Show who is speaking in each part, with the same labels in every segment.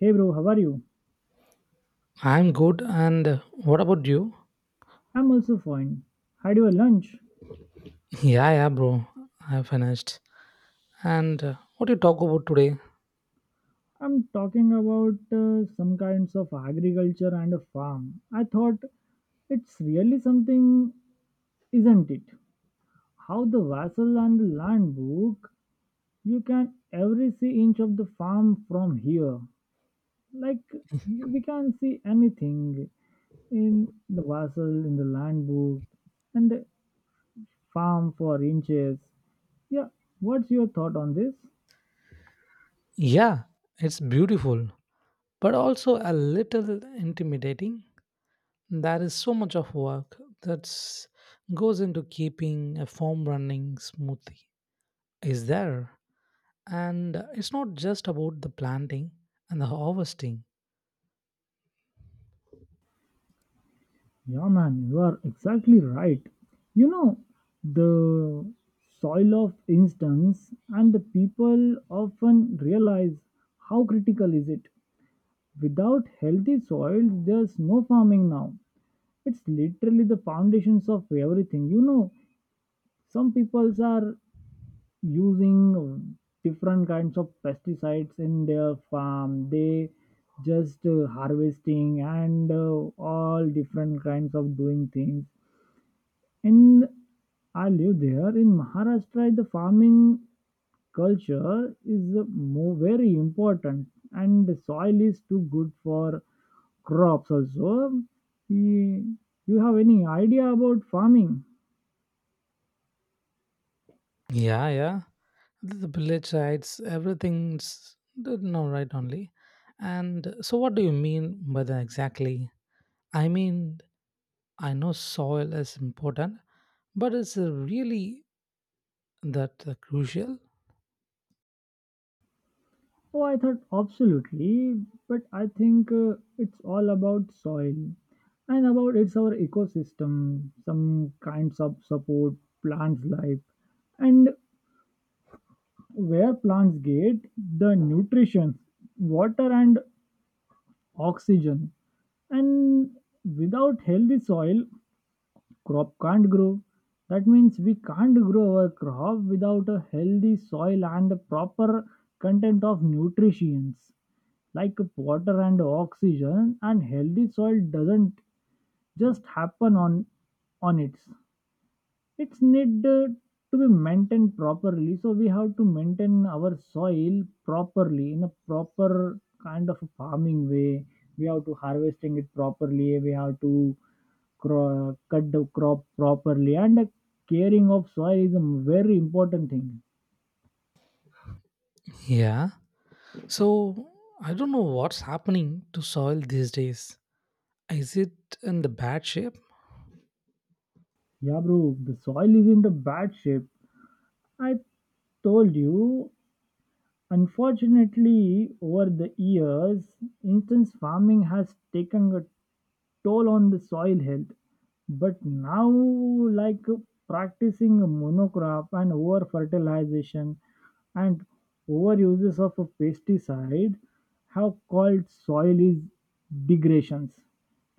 Speaker 1: Hey bro, how are you?
Speaker 2: I'm good. And What about you?
Speaker 1: I'm also fine. Had your lunch?
Speaker 2: Yeah, yeah, bro. I finished. And What you talk about today?
Speaker 1: I'm talking about some kinds of agriculture and a farm. I thought it's really something, isn't it? How the vassal and the land book, you can every see inch of the farm from here. Like we can see anything in the vassal, in the land book, and the farm for inches. Yeah, what's your thought on this?
Speaker 2: Yeah, it's beautiful, but also a little intimidating. There is so much of work that goes into keeping a farm running smoothly. Is there? And It's not just about the planting and the harvesting.
Speaker 1: Yeah, man, you are exactly right. You know, the soil of instance and the people often realize how critical is it. Without healthy soil, there's no farming now. It's literally the foundations of everything. You know, some peoples are using different kinds of pesticides in their farm. They just harvesting and all different kinds of doing things and I live there in Maharashtra. The farming culture is more very important, and the soil is too good for crops also. You you have any idea about farming?
Speaker 2: Yeah, yeah. The village rights everything's no right only. And so what do you mean by that exactly? I mean, I know soil is important, but is it really that crucial?
Speaker 1: Oh, I thought absolutely, but I think it's all about soil and about it's our ecosystem, some kinds of support plants life, and where plants get the nutrition, water, and oxygen. And without healthy soil, crop can't grow. That means we can't grow our crop without a healthy soil and a proper content of nutrients like water and oxygen, and healthy soil doesn't just happen on its it's need to be maintained properly, so we have to maintain our soil properly in a proper kind of farming way. We have to harvesting it properly, we have to cut the crop properly, and the caring of soil is a very important thing.
Speaker 2: Yeah, so I don't know what's happening to soil these days. Is it in the bad shape?
Speaker 1: Yeah bro, the soil is in the bad shape. I told you. Unfortunately, over the years, instance farming has taken a toll on the soil health. But now, like practicing monocrop and over fertilization and over uses of a pesticide, have called soil is degradations.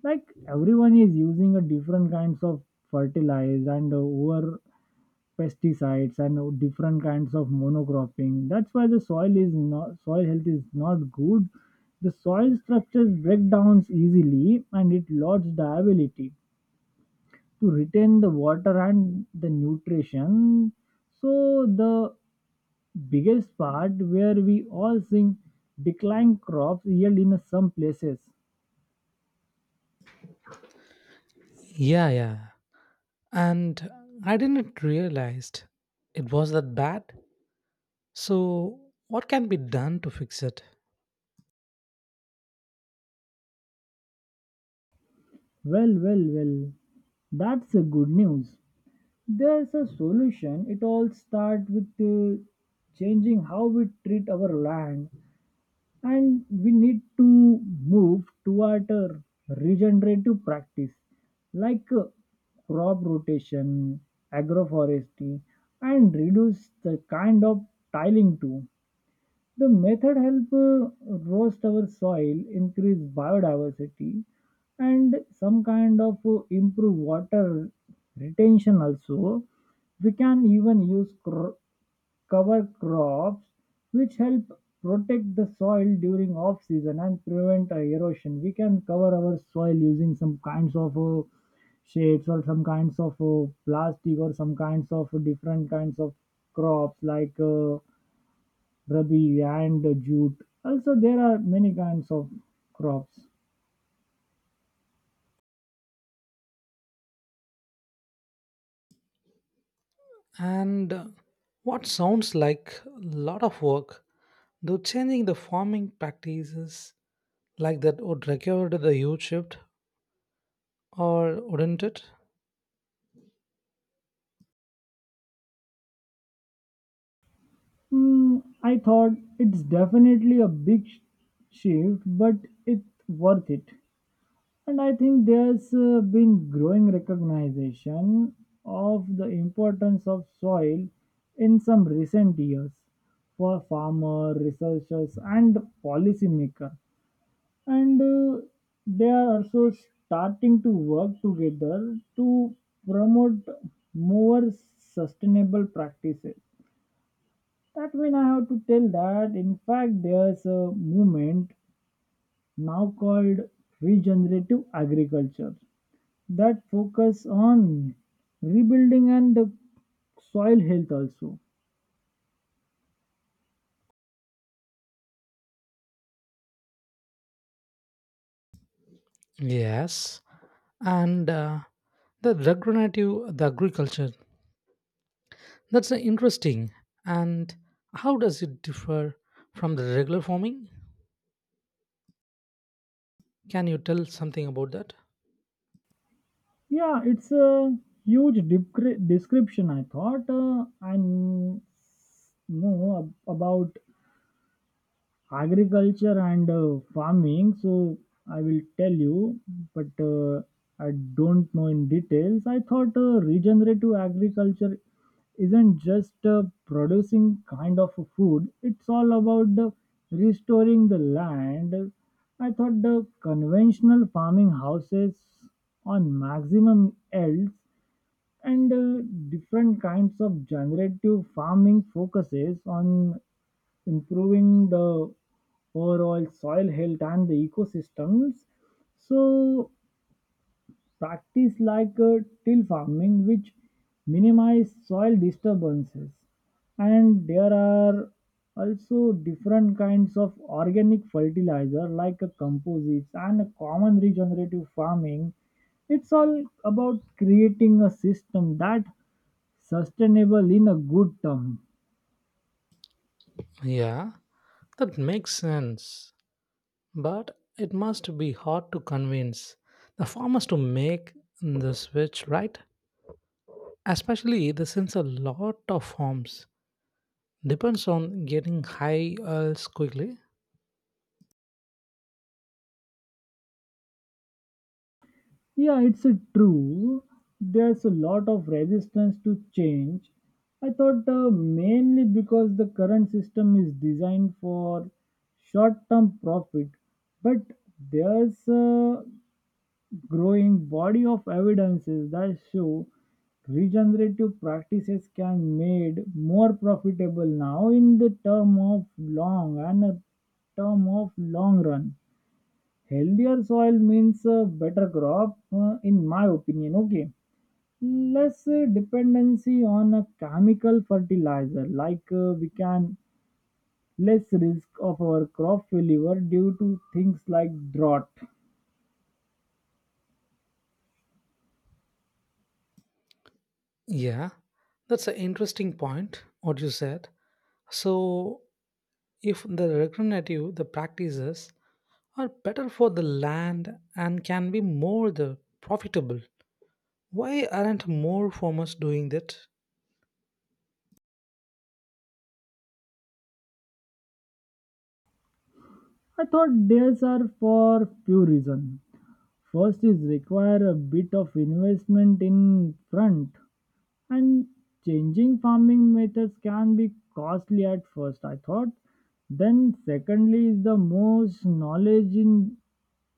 Speaker 1: Like everyone is using a different kinds of fertilizer and over pesticides and different kinds of monocropping. That's why the soil is not, soil health is not good. The soil structures breakdowns easily and it loses the ability to retain the water and the nutrition. So the biggest part where we all think decline crops yield in some places.
Speaker 2: Yeah, yeah. And I didn't realized it was that bad. So what can be done to fix it?
Speaker 1: Well, well, well, that's a good news. There's a solution. It all starts with changing how we treat our land, and we need to move toward a regenerative practice like crop rotation, agroforestry, and reduce the kind of tiling too. The method help roast our soil, increase biodiversity, and some kind of improve water retention also. We can even use cover crops, which help protect the soil during off season and prevent erosion. We can cover our soil using some kinds of shades or some kinds of plastic or some kinds of different kinds of crops like. Rabi and jute. Also, there are many kinds of crops.
Speaker 2: And What sounds like a lot of work, though changing the farming practices like that would require the huge shift, or wouldn't it?
Speaker 1: Hmm, I thought it's definitely a shift, but it's worth it. And I think there's been growing recognition of the importance of soil in some recent years for farmer, researchers, and policymakers. And they are also starting to work together to promote more sustainable practices. That mean I have to tell that in fact there's a movement now called regenerative agriculture that focus on rebuilding and the soil health also.
Speaker 2: Yes, and the regenerative the agriculture that's interesting. And how does it differ from the regular farming? Can you tell something about that?
Speaker 1: Yeah, it's a huge description. I thought know about agriculture and farming, so I will tell you, but I don't know in details. I thought regenerative agriculture isn't just producing kind of food, it's all about the restoring the land. I thought the conventional farming houses on maximum yields, and different kinds of generative farming focuses on improving the overall soil health and the ecosystems. So, practice like till farming, which minimize soil disturbances. And there are also different kinds of organic fertilizer like composites and a common regenerative farming. It's all about creating a system that sustainable in a good term.
Speaker 2: Yeah, that makes sense. But it must be hard to convince the farmers to make the switch, right? Especially the since a lot of farms depends on getting high yields quickly.
Speaker 1: Yeah, it's a true. There's a lot of resistance to change. I thought mainly because the current system is designed for short term profit, but there's a growing body of evidences that show regenerative practices can made more profitable now in the term of long and a term of long run. Healthier soil means better crop, in my opinion. Okay, less dependency on a chemical fertilizer, like we can less risk of our crop failure due to things like drought.
Speaker 2: Yeah, that's an interesting point. What you said. So if the regenerative the practices are better for the land and can be more the profitable, why aren't more farmers doing that?
Speaker 1: I thought these are for few reasons. First is require a bit of investment in front. And changing farming methods can be costly at first, I thought. Then, secondly, is the most knowledge in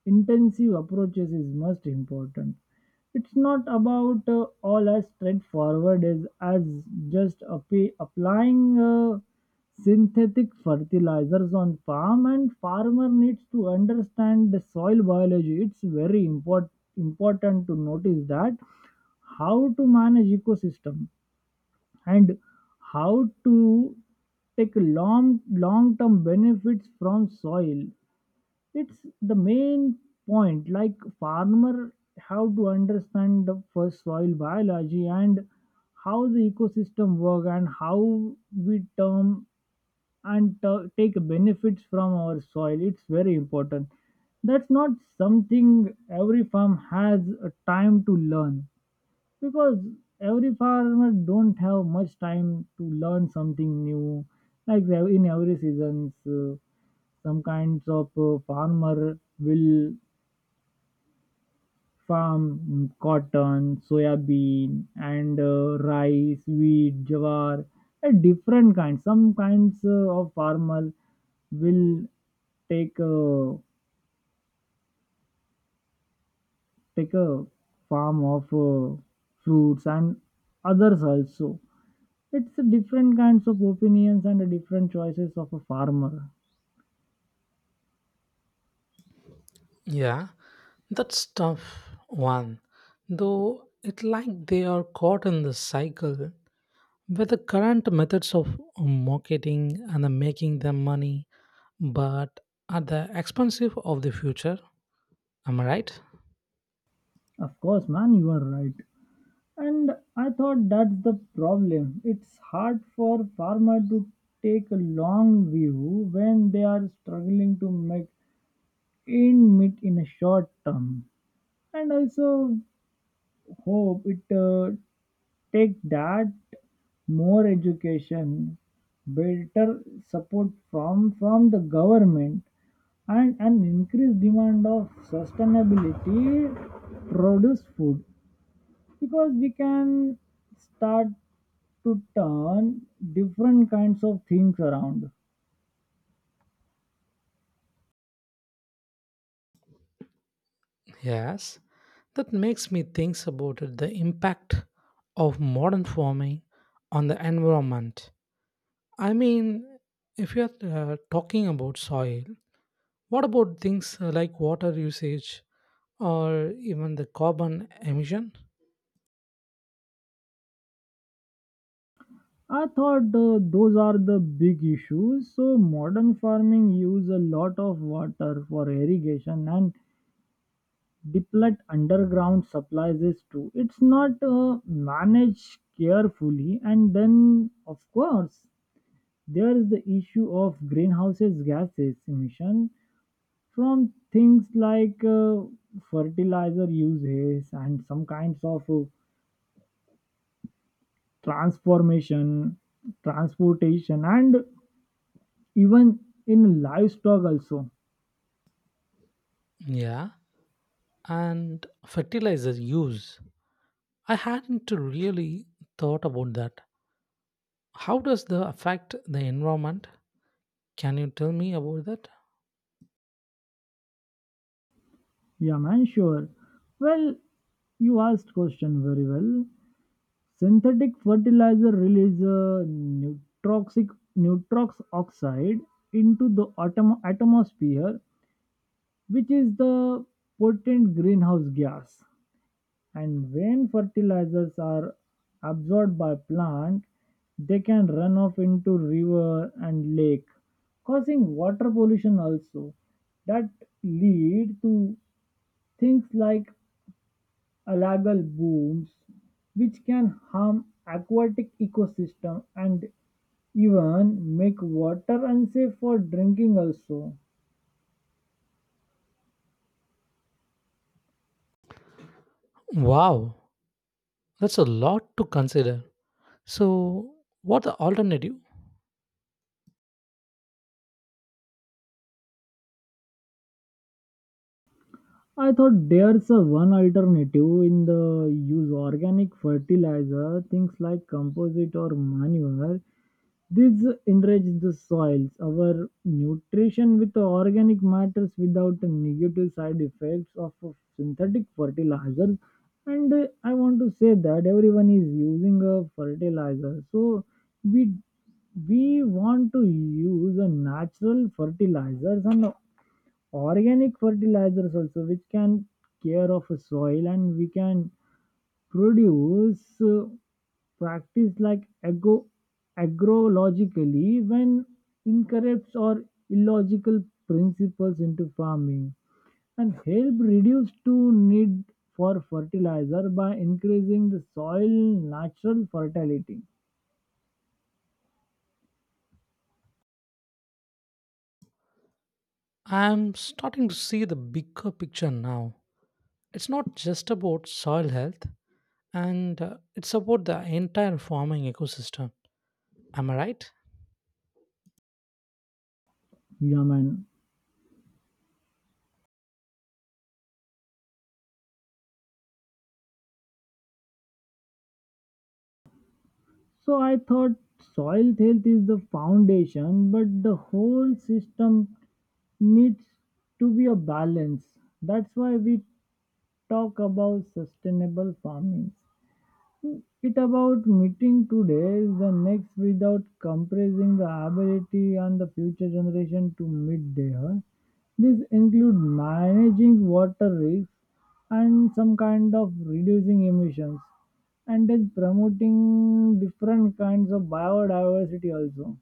Speaker 1: intensive approaches is most important. It's not about all as straightforward as just applying. Synthetic fertilizers on farm, and farmer needs to understand the soil biology. It's very important, important to notice that how to manage ecosystem and how to take long long term benefits from soil. It's the main point, like farmer have to understand the first soil biology and how the ecosystem work and how we term and take benefits from our soil. It's very important. That's not something every farm has a time to learn, because every farmer don't have much time to learn something new. In every seasons, some kinds of farmer will farm cotton, soybean, and rice, wheat, jawar, a different kind. Some kinds of farmer will take a take a farm of fruits and others also. It's a different kinds of opinions and a different choices of a farmer.
Speaker 2: Yeah, that's tough one, though it like they are caught in the cycle where the current methods of marketing and the making them money, but at the expense of the future. Am I right?
Speaker 1: Of course, man, you are right. And I thought that's the problem. It's hard for farmer to take a long view when they are struggling to make in meet in a short term. And also hope it take that more education, better support from the government, and an increased demand of sustainability produce food, because we can start to turn different kinds of things around.
Speaker 2: Yes. That makes me think about it, the impact of modern farming on the environment. I mean, if you're talking about soil, what about things like water usage or even the carbon emission?
Speaker 1: I thought those are the big issues. So modern farming use a lot of water for irrigation and deplete underground supplies is too. It's not managed carefully, and then of course there is the issue of greenhouses gases emission from things like fertilizer uses and some kinds of transformation, transportation, and even in livestock also.
Speaker 2: Yeah, and fertilizer use. I hadn't really thought about that. How does the affect the environment? Can you tell me about that?
Speaker 1: Yeah, man, sure. Well, you asked question very well. Synthetic fertilizer release neutroxic neutrox oxide into the atmosphere, which is the potent greenhouse gas. And when fertilizers are absorbed by plant, they can run off into river and lake, causing water pollution also. That lead to things like algal booms, which can harm aquatic ecosystem and even make water unsafe for drinking also.
Speaker 2: Wow, that's a lot to consider. So, what the alternative?
Speaker 1: I thought there's a one alternative in the use organic fertilizer, things like composite or manure. These enrich the soils, our nutrition with the organic matters without the negative side effects of a synthetic fertilizer. And I want to say that everyone is using a fertilizer, so we we want to use a natural fertilizers and organic fertilizers also, which can care of a soil, and we can produce practice like ago agrologically when incorrect or illogical principles into farming and help reduce to need for fertilizer by increasing the soil natural fertility.
Speaker 2: I'm starting to see the bigger picture now. It's not just about soil health, and it's about the entire farming ecosystem. Am I right?
Speaker 1: Yeah man, so I thought soil health is the foundation, but the whole system needs to be a balance. That's why we talk about sustainable farming. It about meeting today is the next without compressing the ability and the future generation to meet there. This include managing water risks and some kind of reducing emissions and then promoting different kinds of biodiversity also.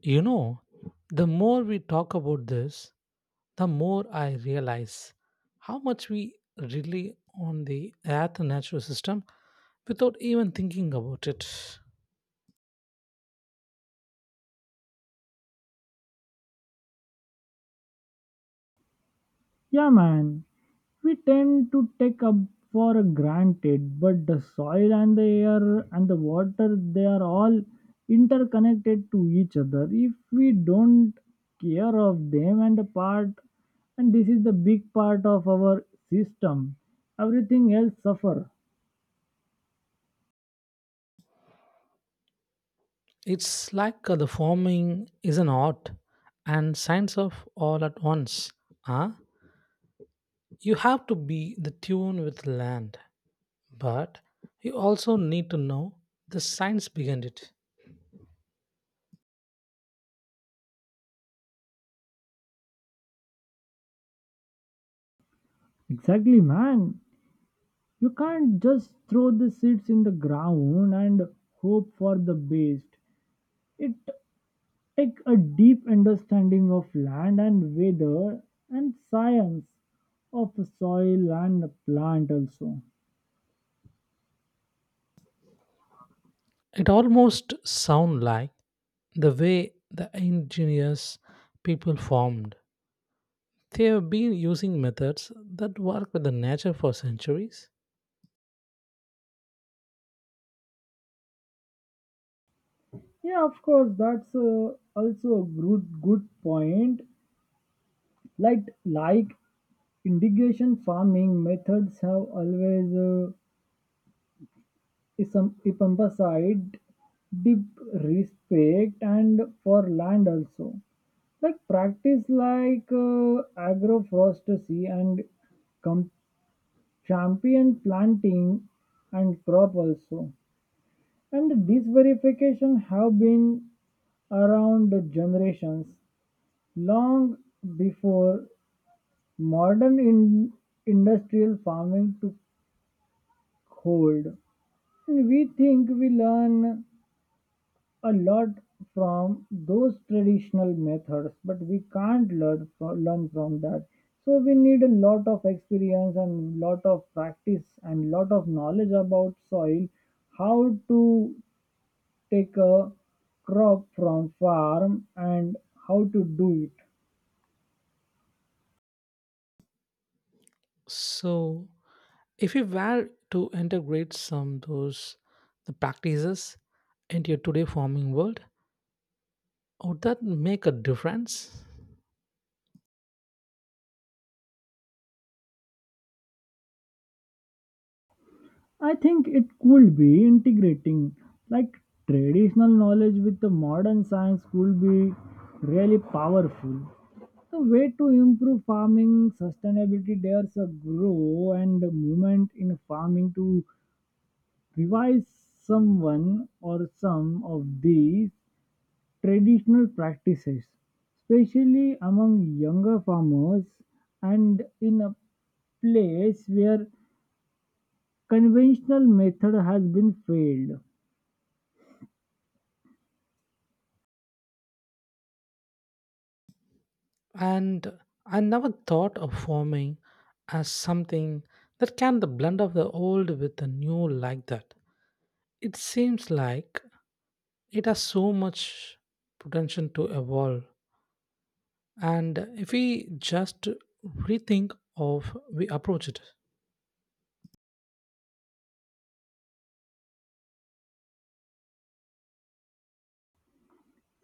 Speaker 2: You know, the more we talk about this, the more I realize how much we rely on the Earth and natural system without even thinking about it.
Speaker 1: Yeah man, we tend to take up for granted, but the soil and the air and the water, they are all interconnected to each other. If we don't care of them and the part, and this is the big part of our system, everything else suffer.
Speaker 2: It's like the farming is an art and science of all at once. Huh? You have to be the tune with land, but you also need to know the science behind it.
Speaker 1: Exactly, man. You can't just throw the seeds in the ground and hope for the best. It take a deep understanding of land and weather and science of the soil and the plant also.
Speaker 2: It almost sound like the way the indigenous people formed, they have been using methods that work with the nature for centuries.
Speaker 1: Yeah, of course, that's also a good point. Like irrigation farming methods have always is some emphasized deep respect and for land also, like practice like agroforestry and com- champion planting and crop also. And these verification have been around the generations long before modern industrial farming took hold. And we think we learn a lot from those traditional methods, but we can't learn from that. So we need a lot of experience and lot of practice and lot of knowledge about soil, how to take a crop from farm and how to do it.
Speaker 2: So, if you were to integrate some those the practices into your today farming world, would that make a difference?
Speaker 1: I think it could be integrating like traditional knowledge with the modern science could be really powerful. The way to improve farming sustainability, there's a grow and a movement in farming to revise someone or some of these traditional practices, especially among younger farmers and in a place where conventional method has been failed.
Speaker 2: And I never thought of farming as something that can the blend of the old with the new like that. It seems like it has so much potential to evolve, and if we just rethink of we approach it.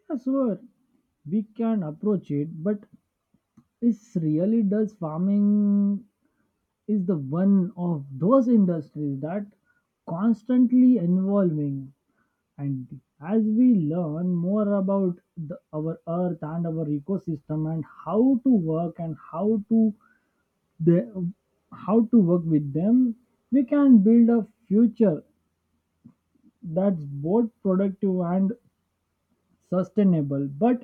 Speaker 1: I swear we can approach it, but is really does farming is the one of those industries that constantly evolving. And as we learn more about the, our earth and our ecosystem and how to work and how to the, how to work with them, we can build a future that's both productive and sustainable, but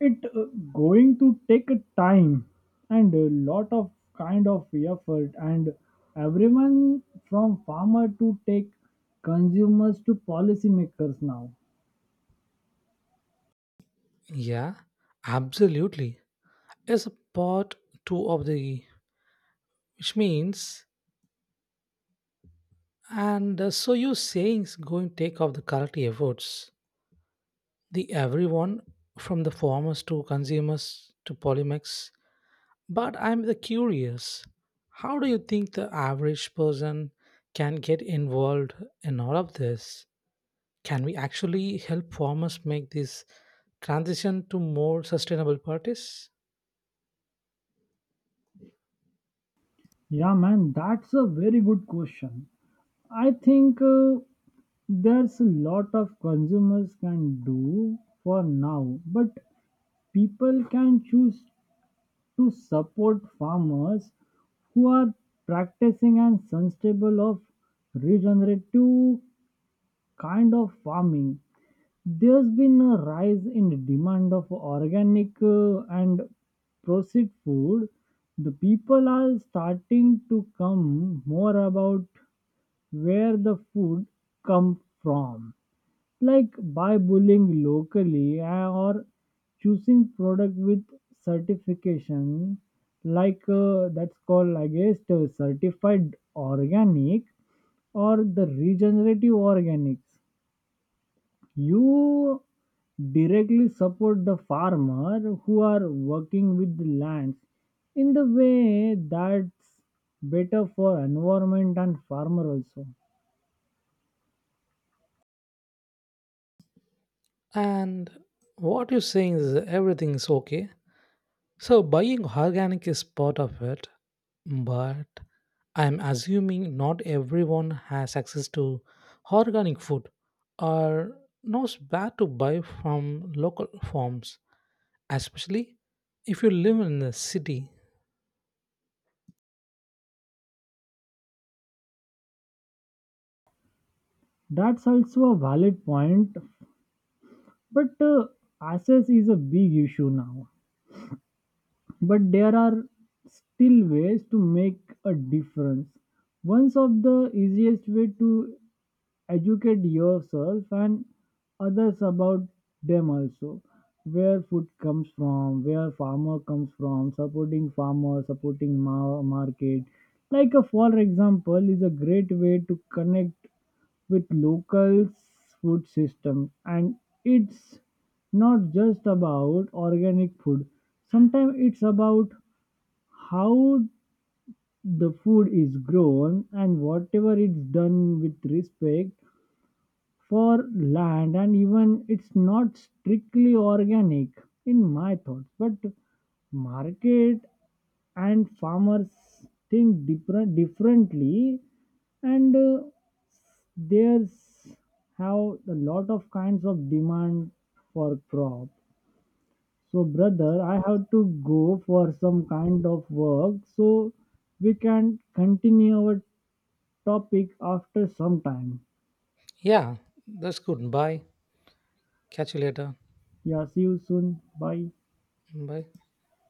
Speaker 1: it going to take a time and a lot of kind of effort and everyone from farmer to take consumers to policymakers now.
Speaker 2: Yeah, absolutely. It's a part two of the which means, and so you saying is going to take off the quality efforts the everyone from the farmers to consumers to polymers. But I'm the curious, how do you think the average person can get involved in all of this? Can we actually help farmers make this transition to more sustainable practice?
Speaker 1: Yeah man, that's a very good question. I think there's a lot of consumers can do for now, but people can choose to support farmers who are practicing and sustainable of regenerative kind of farming. There's been a rise in demand of organic and processed food. The people are starting to come more about where the food come from, like by bullying locally or choosing product with certification like that's called I guess certified organic or the regenerative organics. You directly support the farmer who are working with the lands in the way that's better for environment and farmer also.
Speaker 2: And what you're saying is everything is okay. So buying organic is part of it, but I'm assuming not everyone has access to organic food, or knows where to buy from local farms, especially if you live in the city.
Speaker 1: That's also a valid point. But access is a big issue now. But there are still ways to make a difference. One of the easiest way to educate yourself and others about them also, where food comes from, where farmer comes from, supporting farmer, supporting market like a for example is a great way to connect with local food system. And it's not just about organic food, sometimes it's about how the food is grown and whatever it's done with respect for land and even it's not strictly organic in my thoughts. But market and farmers think different differently, and there's have a lot of kinds of demand for crop. So brother, I have to go for some kind of work, so we can continue our topic after some time.
Speaker 2: Yeah, that's good. Bye. Catch you later.
Speaker 1: Yeah, see you soon. Bye.
Speaker 2: Bye.